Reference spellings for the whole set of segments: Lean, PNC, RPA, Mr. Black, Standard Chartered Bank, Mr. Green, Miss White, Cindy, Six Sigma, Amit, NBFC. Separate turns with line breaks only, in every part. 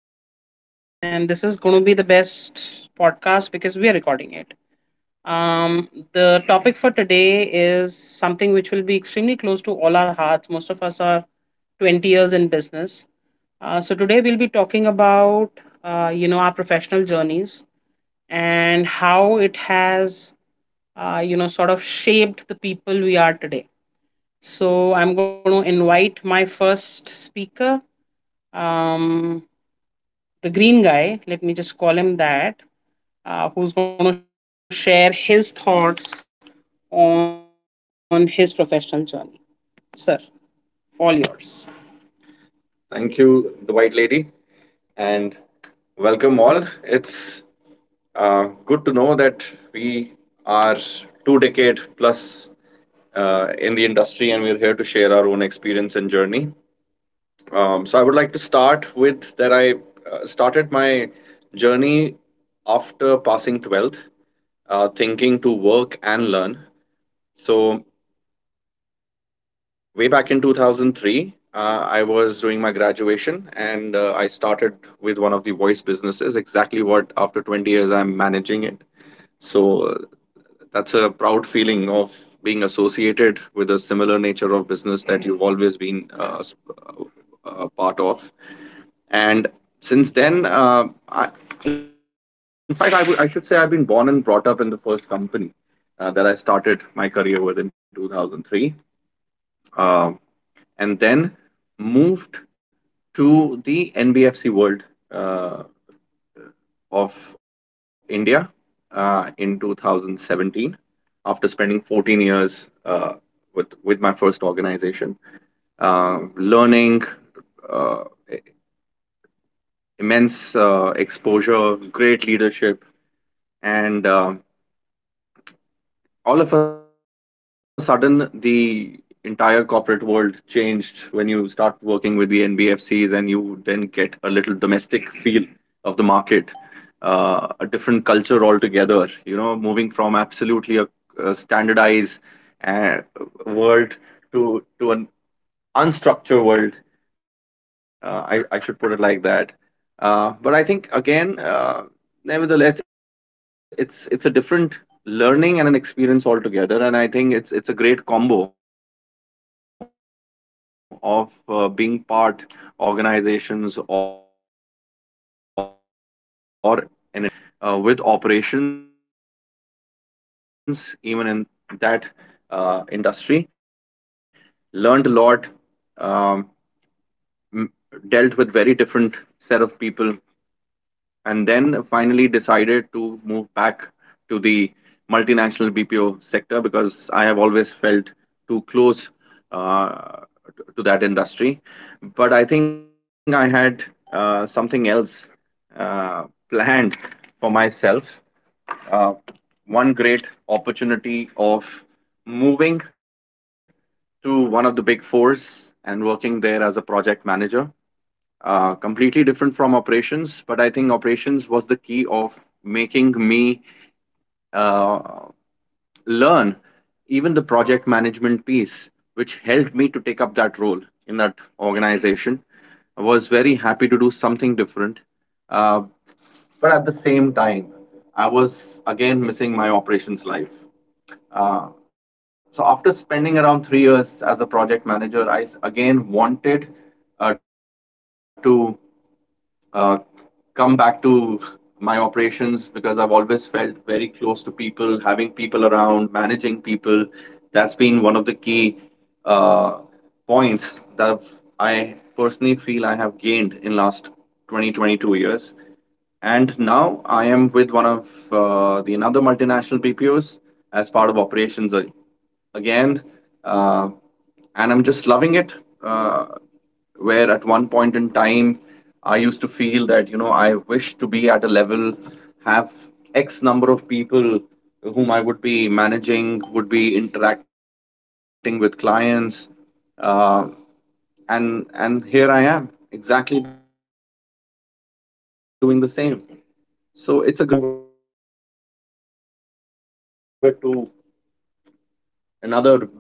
the room, and this is going to be the best podcast because we are recording it. The topic for today is something which will be extremely close to all our hearts. Most of us are 20 years in business. So today we'll be talking about, our professional journeys and how it has, sort of shaped the people we are today. So I'm going to invite my first speaker, um, the green guy, let me just call him that, who's going to share his thoughts on his professional journey. Sir, all yours. Thank you, the White Lady, and welcome all. It's good to know that we are two decade plus in the industry, and we're here to share our own experience and journey. So I would like to start with that I started my journey after passing 12th, thinking to work and learn. So, way back in 2003, I was doing my graduation and I started with one of the voice businesses, exactly what after 20 years I'm managing it. So, that's a proud feeling of being associated with a similar nature of business that you've always been uh, a part of. And since then I, in fact I should say I've been born and brought up in the first company that I started my career with in 2003 uh, and then moved to the nbfc world uh, of india in 2017 after spending 14 years with my first organization, learning, uh, immense exposure, great leadership, and all of a sudden the entire corporate world changed when you start working with the nbfcs and you then get a little domestic feel of the market, a different culture altogether, you know, moving from absolutely a standardized uh, world to an unstructured world. I should put it like that. But I think again, nevertheless, it's a different learning and an experience altogether. And I think it's a great combo of being part of two different work cultures or two different organizations or an industry. And the best part was that I was still associated with operations, even in that industry. Learned a lot. Um, m- Dealt with very different set of people, and then finally decided to move back to the multinational bpo sector, because I have always felt too close uh, to that industry. But I think I had something else planned for myself. uh, One great opportunity of moving to one of the big fours and working there as a project manager, completely different from operations, but I think operations was the key of making me uh, learn even the project management piece, which helped me to take up that role in that organization. I was very happy to do something different, uh, but at the same time, I was again missing my operations life. Uh, so after spending around 3 years as a project manager, again wanted, to uh, come back to my operations, because I've always felt very close to people, having people around, managing people. That's been one of the key uh, points that I personally feel I have gained in last 20 22 years. And now I am with one of the another multinational BPOs as part of operations again, uh, and I'm just loving it. Uh, where at one point in time, I used to feel that, you know, I wish to be at a level, have X number of people whom I would be managing, would be interacting with clients, uh, and here I am exactly doing the same. So it's a great feeling all altogether. And here I would like to move it to another black guy,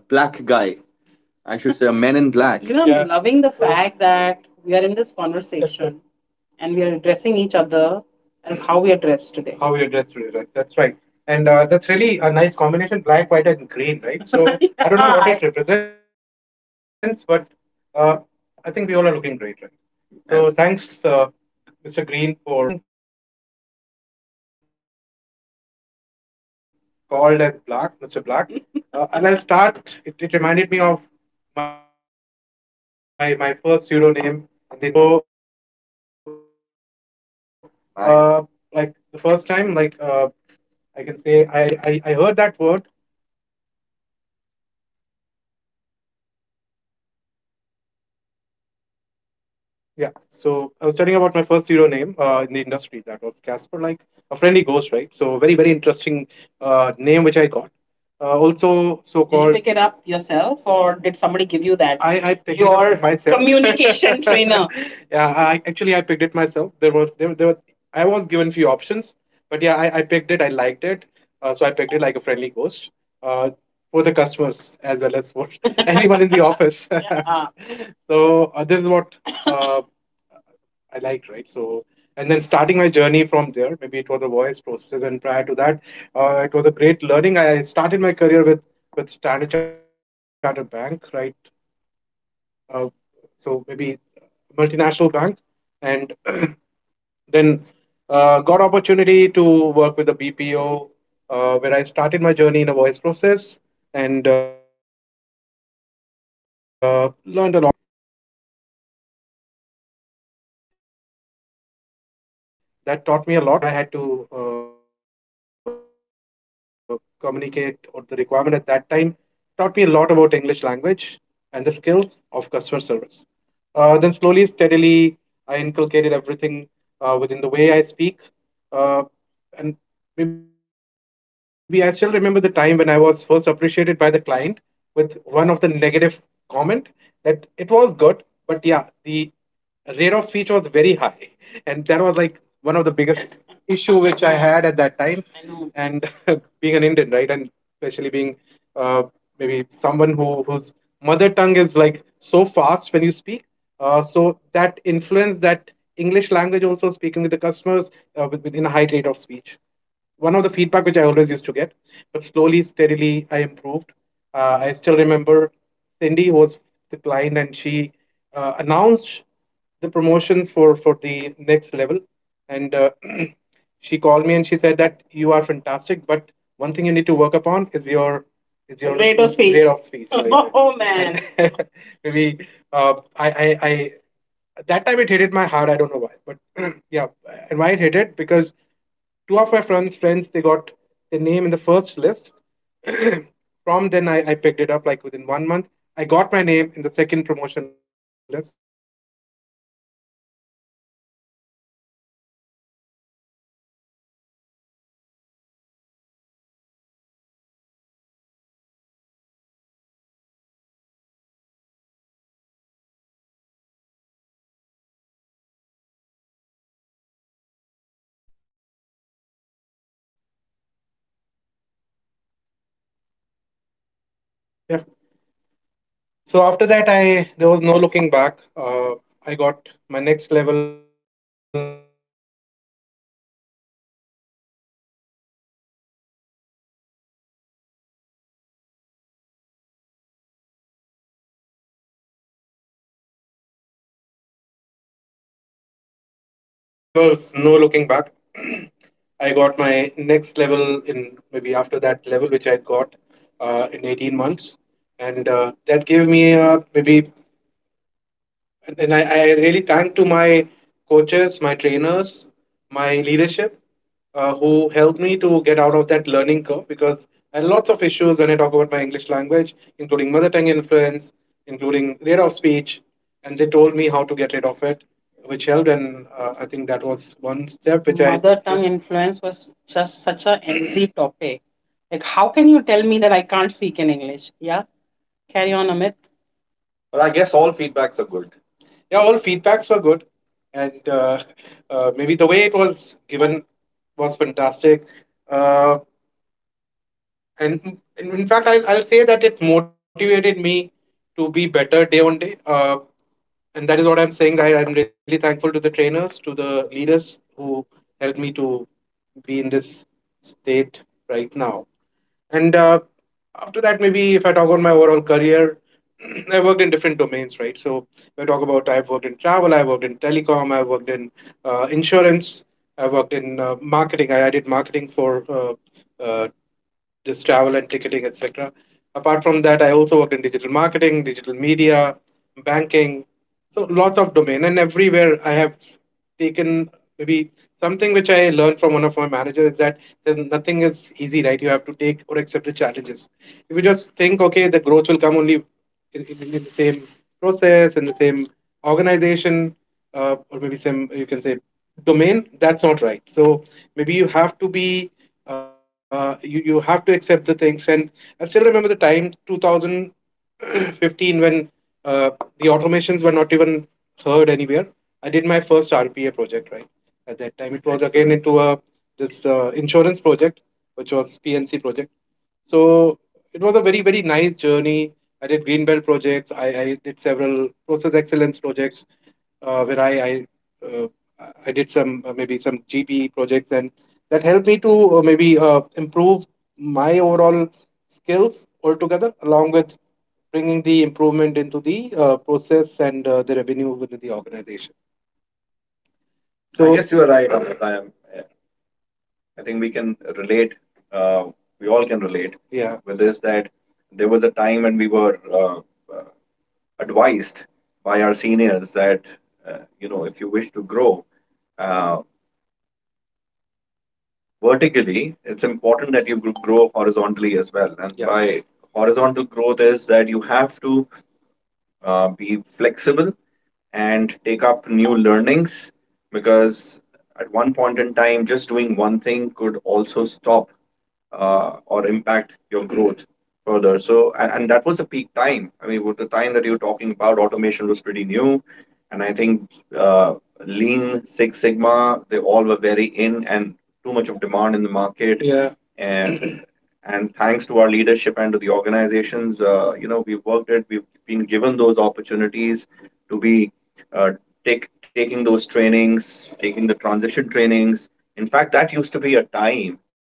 I should say a men in black. You know, yeah. I'm yeah, loving the fact that we are in this conversation and we are addressing each other as how we are dressed today. How we address today, right? That's right. And that's really a nice combination: black, white, and green, right? So I don't know what it represents, but uh, I think we all are looking great, right? So yes, thanks, Mr. Green, for uh, giving me an opportunity. So apart from being called as Black, Mr. Black, and I'll start. It reminded me of my first pseudo name in the industry, which was Casper, like a friendly ghost. Really? Yeah. Wow. So nice. Like the first time, like I can say I heard that word. Yeah, so I was telling about my first hero name in the industry. That was Casper, like a friendly ghost, right? So very, very interesting name which I got. Also, so did you called pick it up yourself, or did somebody give you that? I picked it your up myself communication trainer. Yeah, I actually I picked it myself. There was there there was I was given few options, but yeah, I picked it. I liked it, so I picked it, like a friendly ghost uh, for the customers as well as for anyone in the office. So this is what uh, I liked, right? So, and then starting my journey from there, maybe it was a voice process, and prior to that, it was a great learning. I started my career with Standard Chartered Bank, right? Uh, so maybe multinational bank, and then got opportunity to work with a BPO where I started my journey in a voice process, and learned a lot there. 1 month of this training, which was voice and accent training, that taught me a lot, the things I was missing, uh, the way I had to communicate, or the requirement at that time taught me a lot about English language and the skills of customer service. Then slowly, steadily, I inculcated everything within the way I speak. Uh, and maybe I still remember the time when I was first appreciated by the client with one of the negative comment, that it was good, but yeah, the rate of speech was very high, and that was like one of the biggest issue which I had at that time. I know. And being an Indian, right, and especially being uh, maybe someone who whose mother tongue is like so fast when you speak, so that influence that English language also speaking with the customers in a high rate of speech, one of the feedback which I always used to get. But slowly, steadily, I improved. I still remember Cindy, who was the client, and she announced the promotions for the next level. And she called me, and she said that, you are fantastic, but one thing you need to work upon is your rate of speech. Rate of speech. Oh man. And maybe I at that time it hit it my heart. I don't know why, but yeah, and why it hit it, because two of my friends they got their name in the first list from then. I picked it up, like within 1 month I got my name in the second promotion list. The rate of speech was just a feedback, and uh, maybe I took it very seriously at that time, yeah. So after that, I there was no looking back. I got my next level after another 18 months, so yeah. So after that, there was no looking back. I got my next level in maybe after that level, which I got in 18 months. And that gave me, maybe, and I really thank to my coaches, my trainers, my leadership, who helped me to get out of that learning curve, because I had lots of issues when I talk about my English language, including mother tongue influence, including rate of speech, and they told me how to get rid of it, which helped. And I think that was one step which I— mother tongue influence was just such a easy topic. Like, how can you tell me that I can't speak in English? Yeah, carry on, Amit. But I guess all feedbacks are good. Yeah, all feedbacks were good, and maybe the way it was given was fantastic. Uh, and in fact, I, I'll say that it motivated me to be better day on day. And that is what I'm saying, that I'm really thankful to the trainers, to the leaders who helped me to be in this state right now. And after that, maybe if I talk about my overall career, I worked in different domains, right? So if I talk about I've worked in travel, I've worked in telecom, I've worked in insurance, I worked in marketing. I did marketing for uh, just travel and ticketing, etc. Apart from that, I also worked in digital marketing, digital media, banking. So lots of domain, and everywhere I have taken maybe something which I learned from one of my managers is that there's nothing is easy, right? You have to take or accept the challenges. If you just think, okay, the growth will come only in the same process, in the same organization, or maybe some you can say domain, that's not right. So maybe you have to be you have to accept the things. And I still remember the time 2015 when uh, the automations were not even heard anywhere. I did my first RPA project, right? At that time, it was again Excellent. Into a this insurance project, which was PNC project. So it was a very nice journey. I did green belt projects. I did several process excellence projects where uh, I did some maybe some GP projects, and that helped me to maybe improve my overall skills altogether, along with bringing the improvement into the process and the revenue within the organization. I So, guess you are right, Amit. I am. I think we can relate. Uh, we all can relate, yeah, with this, that there was a time when we were uh, advised by our seniors that you know, if you wish to grow uh, vertically, it's important that you grow horizontally as well. And Yeah. by horizontal growth is that you have to be flexible and take up new learnings, because at one point in time, just doing one thing could also stop or impact your growth further. So, and that was a peak time. I mean, with the time that you're talking about, automation was pretty new. And I think uh, Lean, Six Sigma, they all were very in and too much of demand in the market. Yeah. And and thanks to our leadership and to the organizations, you know, we've worked it. We've been given those opportunities to be uh, take taking those trainings, taking the transition trainings. In fact, that used to be a time,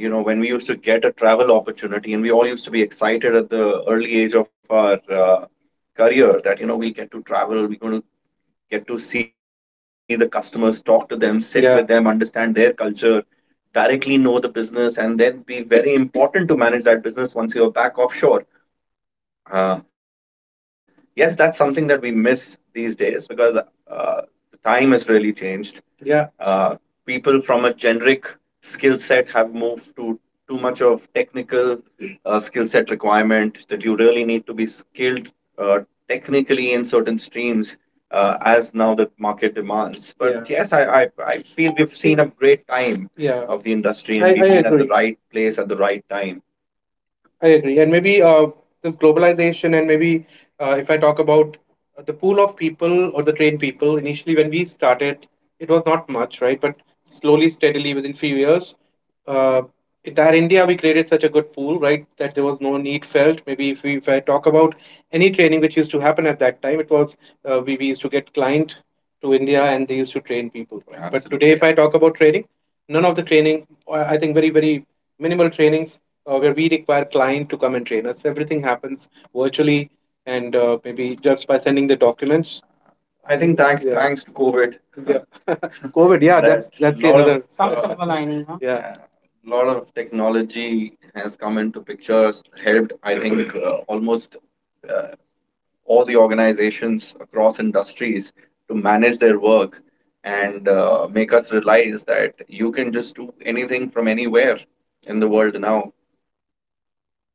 you know, when we used to get a travel opportunity and we all used to be excited at the early age of our career, that you know, we get to travel, we're going to get to see the customers, talk to them, sit Yeah. with them, understand their culture directly, know the business, and then be very important to manage that business once you're back offshore. uh, yes, that's something that we miss these days, because the time has really changed. Yeah. People from a generic skill set have moved to too much of technical skill set requirement, that you really need to be skilled uh, technically in certain streams as now the market demands. But Yeah. yes, I feel we've seen a great time Yeah. of the industry I, and I I we've been at the agree. Right place at the right time. I agree. And maybe this globalization, and maybe if I talk about the pool of people or the trained people, initially when we started, it was not much, right? But slowly, steadily, within few years, uh, entire India, we created such a good pool, right, that there was no need felt. Maybe if, we, if I talk about any training which used to happen at that time, it was we used to get client to India and they used to train people. Right? But Absolutely, today, if I yes. talk about training, none of the training, I think very minimal trainings where we require client to come and train us. Everything happens virtually and maybe just by sending the documents. I think thanks Yeah. thanks to COVID. Yeah. COVID, yeah, That's the another. Some silver lining, huh? Yeah, a lot of technology has come into pictures, helped I think almost uh, all the organizations across industries to manage their work and make us realize that you can just do anything from anywhere in the world now.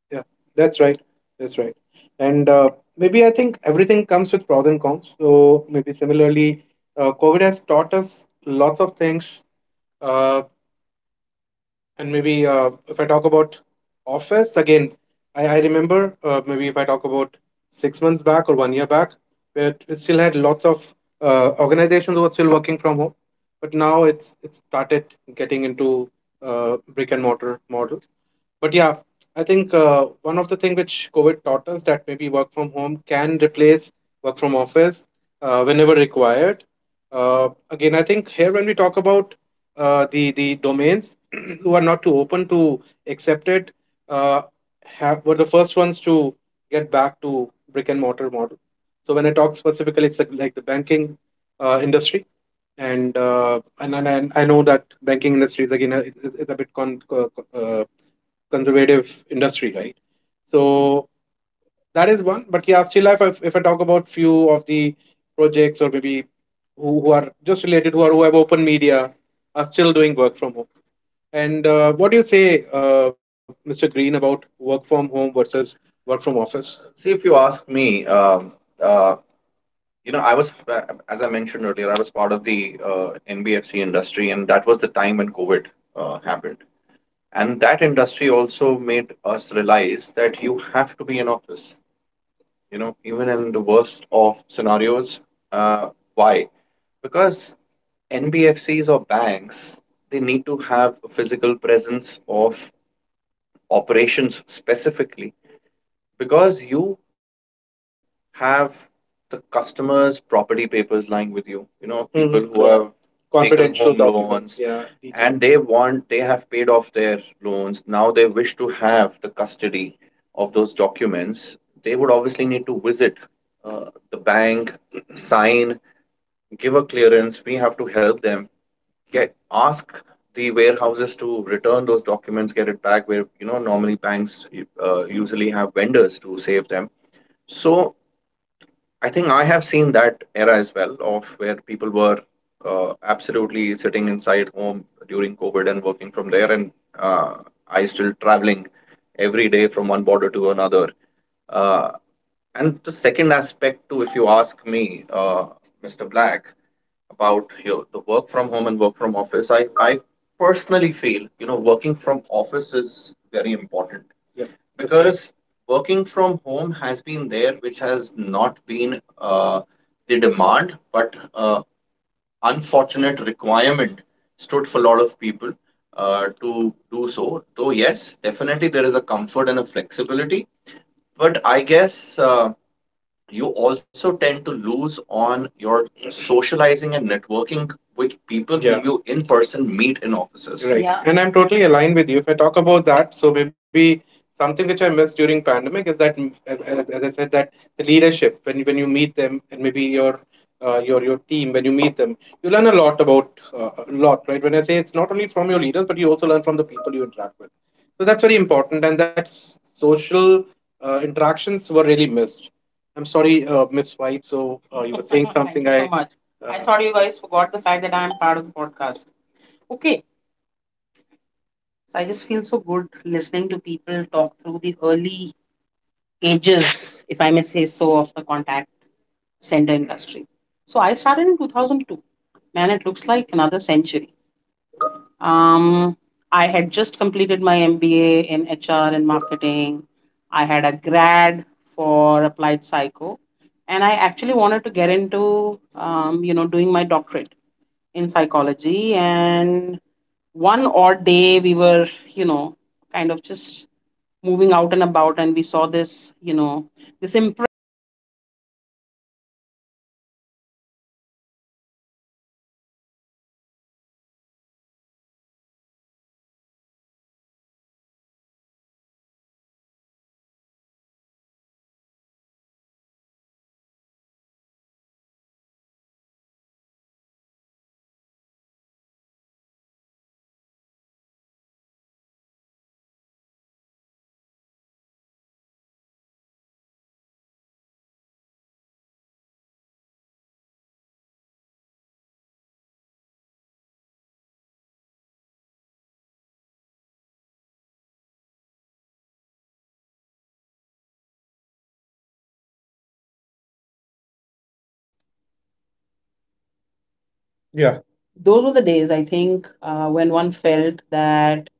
Yeah, that's right. That's right. And maybe I think everything comes with pros and cons. So maybe similarly, COVID has taught us lots of things. Uh, and maybe if I talk about office again, I remember maybe if I talk about 6 months back or one year back, where it still had lots of organizations who were still working from home. But now it's started getting into brick and mortar model. But yeah, I think one of the thing which COVID taught us, that maybe work from home can replace work from office whenever required. Again, I think here when we talk about the domains who are not too open to accept it, uh, have, were the first ones to get back to brick and mortar model. So when I talk specifically, it's like the banking industry, and and I know that banking industry is again a, is a bit conservative industry, right? So that is one. But yeah, still, if if I talk about few of the projects, or maybe who are just related, who are who have open media, are still doing work from home. And what do you say, Mr. Green, about work from home versus work from office? See, if you ask me, uh, you know, I was, as I mentioned earlier, I was part of the NBFC industry, and that was the time when COVID happened, and that industry also made us realize that you have to be in office, you know, even in the worst of scenarios. uh, why? Because NBFCs or banks, they need to have a physical presence of operations specifically, because you have the customers' property papers lying with you. You know, people Mhm. who have confidential home loans Yeah, and they want they have paid off their loans. Now they wish to have the custody of those documents. They would obviously need to visit the bank, sign, give a clearance. We have to help them get ask the warehouses to return those documents, get it back. Where you know normally banks usually have vendors to save them. So I think I have seen that era as well, of where people were absolutely sitting inside home during COVID and working from there, and uh, I still traveling every day from one border to another. Uh, and the second aspect, too, if you ask me, Mr. Black about here, the work from home and work from office, I personally feel, you know, working from office is very important. Yeah, that's right. Because working from home has been there, which has not been uh, the demand, but uh, unfortunate requirement stood for a lot of people to do so. Though yes, definitely there is a comfort and a flexibility, but I guess uh, you also tend to lose on your socializing and networking with people Yeah. who you in person meet in offices. Right. Yeah. And I'm totally aligned with you. If I talk about that, so maybe something which I missed during pandemic is that, as I said, that the leadership when you meet them, and maybe your your team when you meet them, you learn a lot about a lot, right? When I say it's not only from your leaders, but you also learn from the people you interact with. So that's very important, and that social interactions were really missed. I'm sorry, Miss White. So you were saying Thank something. Thank you so I much. I thought you guys forgot.
Yeah. Those were the days, I think, when one felt that,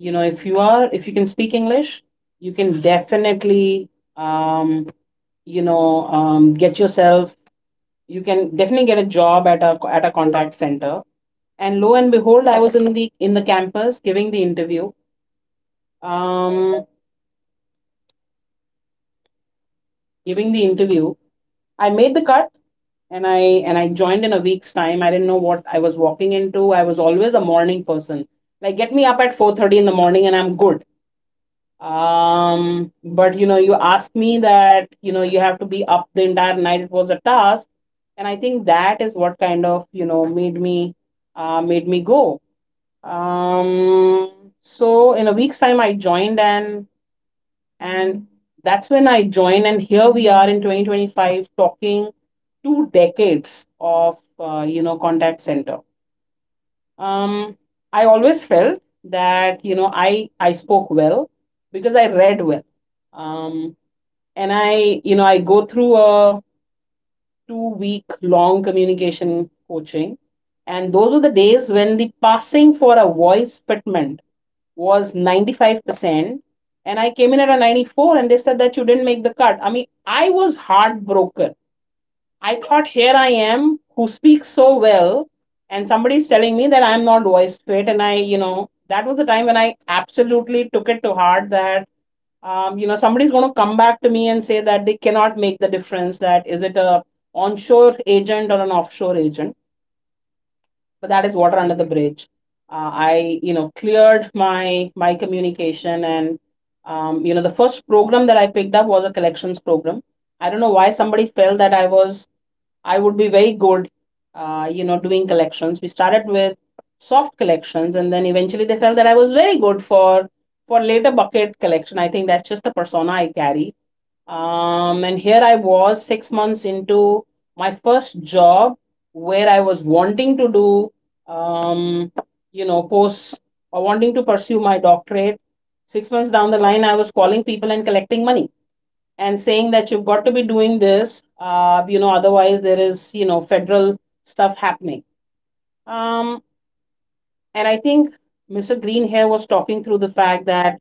you know, if you can speak English, you can definitely, um, get yourself you can definitely get a job at a contact center. And lo and behold, I was in the campus giving the interview, um, giving the interview I made the cut, and I joined in a week's time. I didn't know what I was walking into. I was always a morning person. Like, get me up at 4:30 in the morning and I'm good. But, you know, you asked me that, you have to be up the entire night. It was a task, and I think that is what kind of, made me go. um so in a week's time, I joined, and that's when I joined. And here we are in 2025, talking 2 decades of contact center. um, I always felt that, you know, I spoke well because I read well. Um, and I go through a 2-week long communication coaching, and those were the days when the passing for a voice fitment was 95%, and I came in at a 94, and they said that you didn't make the cut. I mean, I was heartbroken. I thought, here I am, who speaks so well, and somebody's telling me that I'm not voiced fit. And that was the time when I absolutely took it to heart that, somebody's going to come back to me and say that they cannot make the difference. That is, it a onshore agent or an offshore agent? But that is water under the bridge. I cleared my communication, and the first program that I picked up was a collections program. I don't know why somebody felt that I would be very good, doing collections. We started with soft collections, and then eventually they felt that I was very good for later bucket collection. I think that's just the persona I carry. And here I was 6 months into my first job, where I was wanting to do, um, post or wanting to pursue my doctorate. 6 months down the line, I was calling people and collecting money and saying that you've got to be doing this, otherwise there is, federal stuff happening. Um, and I think Mr. Green here was talking through the fact that,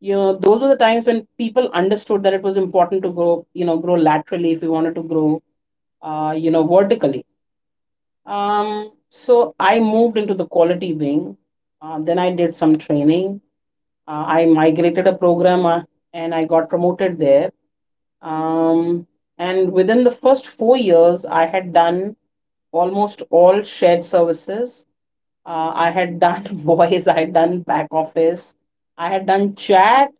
you know, those were the times when people understood that it was important to grow, you know, grow laterally if you wanted to grow, vertically. So I moved into the quality wing. Then I did some training. I migrated a program, and I got promoted there. Um, and within the first 4 years, I had done almost all shared services. I had done voice, I had done back office, I had done chat,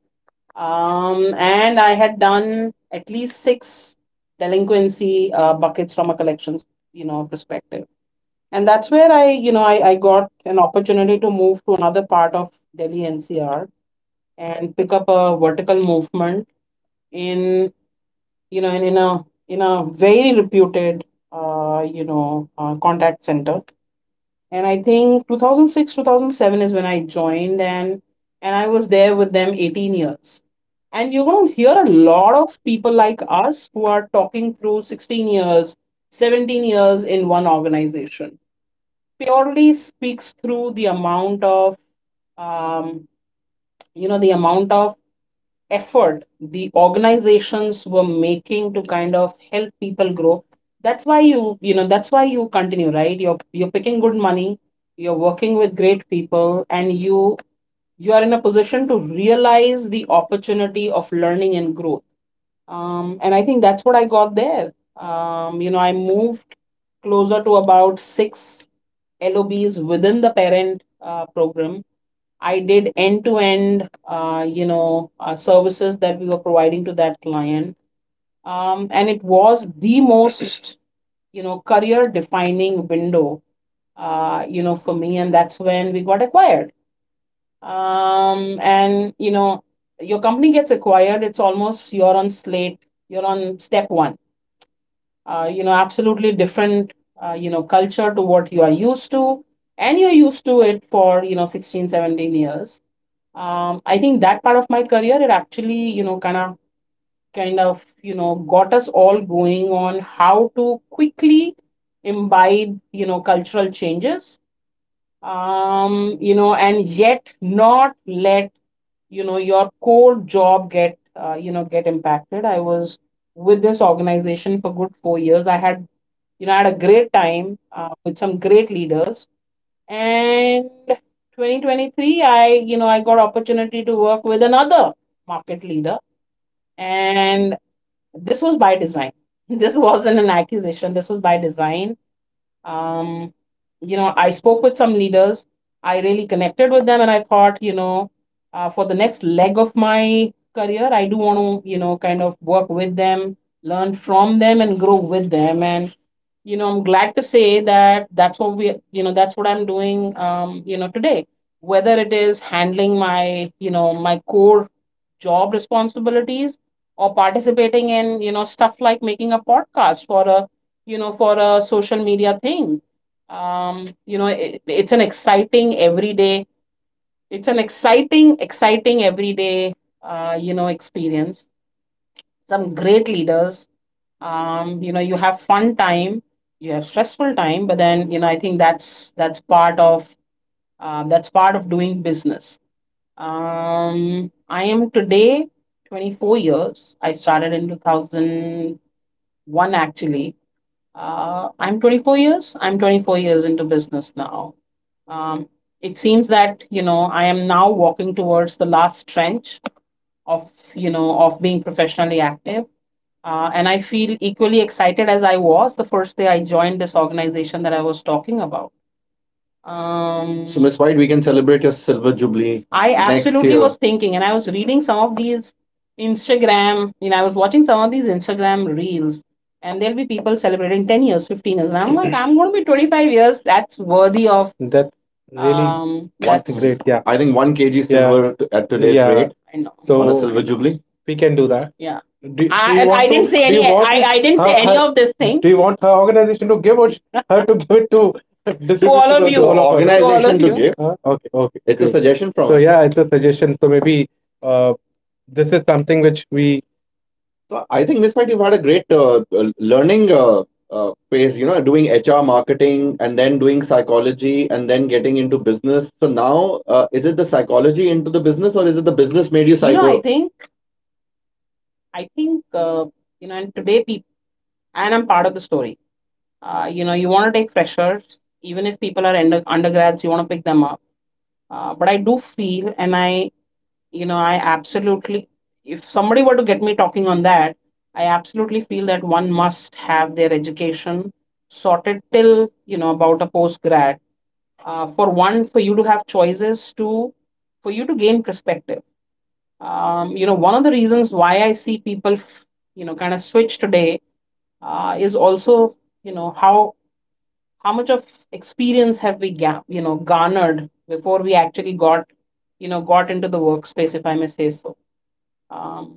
and I had done at least six delinquency buckets from a collections, you know, perspective. And that's where I, you know, I got an opportunity to move to another part of Delhi NCR and pick up a vertical movement in, you know, in a very reputed, contact center. And I think 2006, 2007 is when I joined, and I was there with them 18 years. And you're going to hear a lot of people like us who are talking through 16 years, 17 years in one organization. Purely speaks through the amount of, um, the amount of effort the organizations were making to kind of help people grow. That's why you you know that's why you continue, right? You're picking good money, you're working with great people, and you are in a position to realize the opportunity of learning and growth. And I think that's what I got there. I moved closer to about six lobs within the parent, program. I did end-to-end, services that we were providing to that client. And it was the most, you know, career-defining window, for me. And that's when we got acquired. And, you know, your company gets acquired, it's almost you're on slate, you're on step one. Absolutely different, culture to what you are used to. And you're used to it for, you know, 16, 17 years. I think that part of my career, it actually, you know, you know, got us all going on how to quickly imbibe, you know, cultural changes, and yet not let, you know, your core job get impacted. I was with this organization for good 4 years. I had a great time, with some great leaders, and 2023, I you know I got opportunity to work with another market leader, and this was by design. This wasn't an acquisition, this was by design. um I spoke with some leaders, I really connected with them, and I thought, for the next leg of my career, I do want to, kind of work with them, learn from them, and grow with them. And, you know, I'm glad to say that that's what I'm doing, today. Whether it is handling my you know my core job responsibilities or participating in, stuff like making a podcast for a social media thing. It's an exciting exciting everyday, experience. Some great leaders. You have fun time, you have stressful time, but then, you know, I think that's part of, that's part of doing business. I am today 24 years, I started in 2001, actually, I'm 24 years into business now. um it seems that, you know, I am now walking towards the last trench of, of being professionally active, and I feel equally excited as I was the first day I joined this organization that I was talking about. So, Miss White, we can celebrate your silver jubilee. I next absolutely year. Was thinking, and I was reading some of these Instagram, you know, I was watching some of these Instagram reels, and there'll be people celebrating 10 years, 15 years. And I'm like, I'm going to be 25 years. That's worthy of. That's really. That's great. Yeah. I think 1 kg. Yeah. Silver at today's. Yeah. Rate. I know. On a. So silver jubilee. We can do that. Yeah. Do I, you and I want didn't say do you any. You want. I didn't her, say. Huh? Any. Huh? Of this thing. Do you want her organization to give or her to give it to all of you. All of organization to you. Give. Huh? Okay, okay. It's a suggestion from. So yeah, it's a suggestion. So maybe, uh, this is something which we. So I think Miss White, you've had a great learning phase. You know, doing HR marketing and then doing psychology and then getting into business. So now, is it the psychology into the business, or is it the business made you psycho? Know, I think and today people, and I'm part of the story. You want to take freshers, even if people are undergrads, you want to pick them up. But I do feel, and I absolutely, if somebody were to get me talking on that, I absolutely feel that one must have their education sorted till, you know, about a post grad. For one, for you to have choices, to for you to gain perspective. One of the reasons why I see people, you know, kind of switch today, is also, you know, how much of experience have we garnered before we actually got you know got into the workspace, if I may say so. um,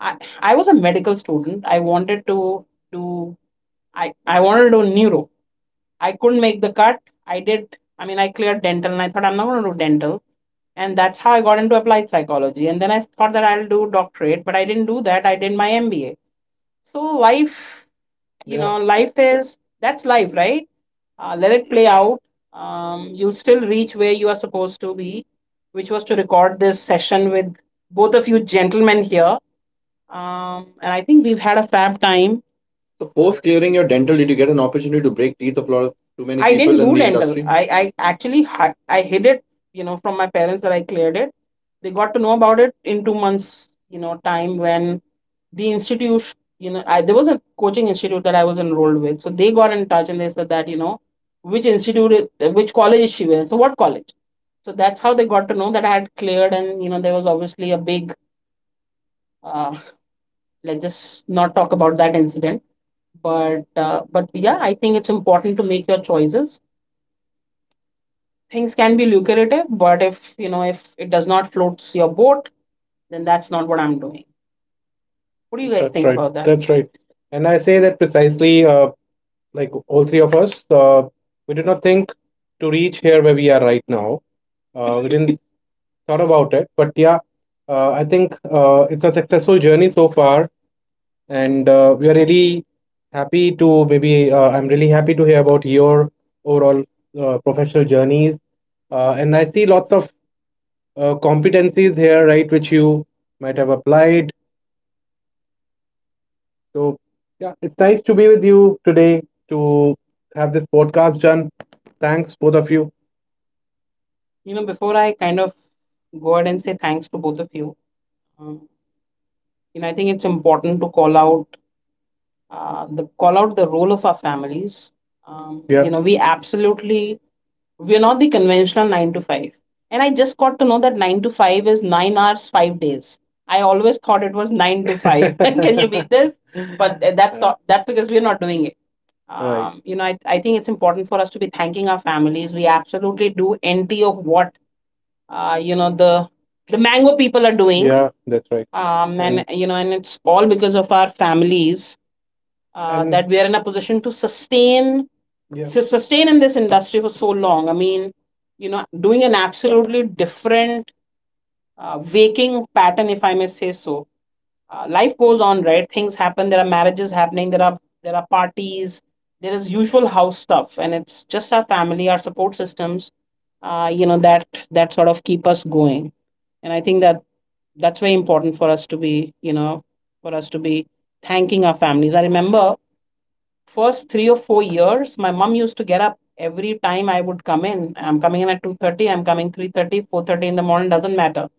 I was a medical student. I wanted to do, I wanted to do neuro, I couldn't make the cut. I mean, I cleared dental, and I thought, I'm not going to do dental, and that's how I got into applied psychology. And then I thought that I'll do doctorate, but I didn't do that, I did my MBA. So life, you. Yeah. know life is that's life, right? Let it play out. You'll still reach where you are supposed to be, which was to record this session with both of you gentlemen here. And I think we've had a fab time. So post clearing your dental, did you get an opportunity to break teeth of lot of too many I people didn't in do the dental. Industry? I actually I hid it, from my parents that I cleared it. They got to know about it in 2 months, time when the institute, there was a coaching institute that I was enrolled with. So they got in touch and they said that, which institute, which college is she with? So what college? So that's how they got to know that I had cleared, and there was obviously a big. Uh, let's just not talk about that incident but yeah, I think it's important to make your choices. Things can be lucrative, but if if it does not floats your boat, then that's not what I'm doing. What do you guys That's think right. about that? That's right. And I say that precisely, like all three of us, we did not think to reach here where we are right now. We didn't thought about it, but yeah, I think it's a successful journey so far. And we are really happy to maybe I'm really happy to hear about your overall professional journeys and I see lots of competencies here, right, which you might have applied. So yeah, it's nice to be with you today to have this podcast done. Thanks, both of you. You know Before I kind of go ahead and say thanks to both of you, um, you know I think it's important to call out the role of our families. Yeah, we absolutely We're not the conventional 9 to 5. And I just got to know that 9 to 5 is 9 hours, 5 days. I always thought it was 9 to 5. Can you beat this? But that's because we're not doing it. Right. I think it's important for us to be thanking our families. We absolutely do NT of what uh, you know, the the mango people are doing. Yeah, that's right. Mm. and mm. you know and it's all because of our families uh, that we are in a position to sustain. Yeah. To sustain in this industry for so long. I mean, doing an absolutely different waking pattern, if I may say so. Life goes on, right? Things happen. There are marriages happening. There are parties. There is usual house stuff, and it's just our family, our support systems, uh, you know, that that sort of keep us going. And I think that that's very important you know, for us to be thanking our families. I remember first 3 or 4 years, my mom used to get up every time I would come in. I'm coming in at 2:30, I'm coming 3:30, 4:30 in the morning, doesn't matter.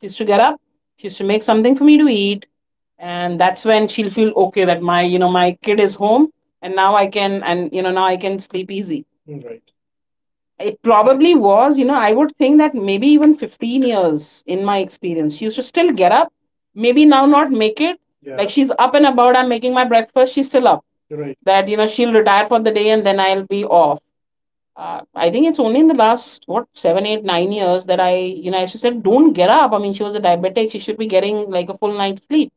She used to get up, she used to make something for me to eat. And that's when she'll feel okay that my kid is home and now I can, and, now I can sleep easy. Right. It probably was, I would think that maybe even 15 years in my experience. She used to still get up, maybe now not make it. Yeah. Like Yeah. she's up and about, I'm making my breakfast, she's still up. Right. That, she'll retire for the day and then I'll be off. I think it's only in the last, what, seven, eight, 9 years that I used to don't get up. I mean, she was a diabetic. She should be getting like a full night's sleep.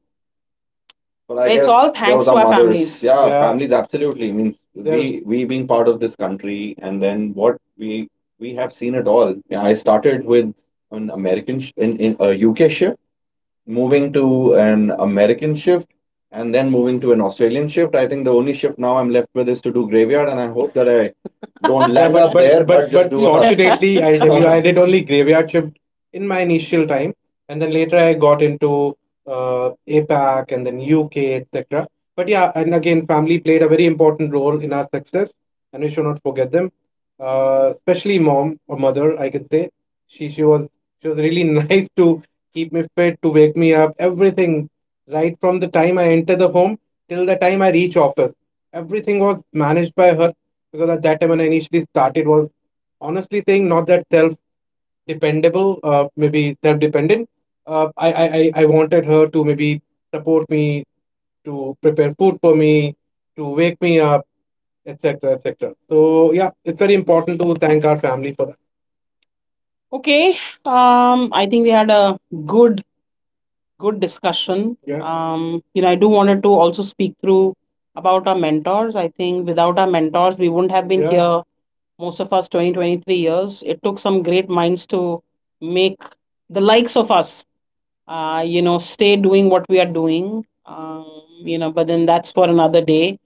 But I It's guess all thanks those to are our mothers. Families. Yeah, Yeah. families, absolutely. I mean, They're- we we being part of this country, and then what we we have seen it all. Yeah, I started with an American sh in a UK shift, moving to an American shift, and then moving to an Australian shift. I think the only shift now I'm left with is to do graveyard, and I hope that I don't Yeah, land but up but there, but just but do a fortunately, I'll tell you, I did only graveyard shift in my initial time, and then later I got into APAC and then UK, etc. But yeah, and again, family played a very important role in our success, and we should not forget them. Especially mom or mother, I could say. She she was she was really nice to keep me fit, to wake me up, everything. Right from the time I enter the home till the time I reach office, everything was managed by her because at that time when I initially started was honestly saying not that self dependable, maybe self dependent. I wanted her to maybe support me, to prepare food for me, to wake me up, etc. etc. So yeah, it's very important to thank our family for that. Okay, I think we had a good, good discussion. Yeah. I do wanted to also speak through about our mentors. I think without our mentors, we wouldn't have been Yeah. here most of us 20, 23 years it took some great minds to make the likes of us stay doing what we are doing but then that's for another day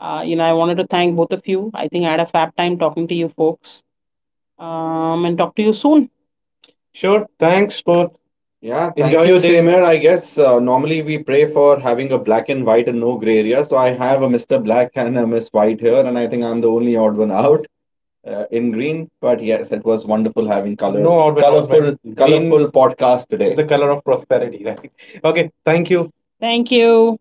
I wanted to thank both of you. I think I had a fab time talking to you folks. And talk to you soon. Sure. Thanks, both. Yeah, thank Enjoy you. Your day. Same here, I guess. Normally, we pray for having a black and white and no gray area. So I have a Mr. Black and a Miss White here, and I think I'm the only odd one out in green. But yes, it was wonderful having color, No colorful, colorful podcast today. The color of prosperity, right? Okay, thank you. Thank you.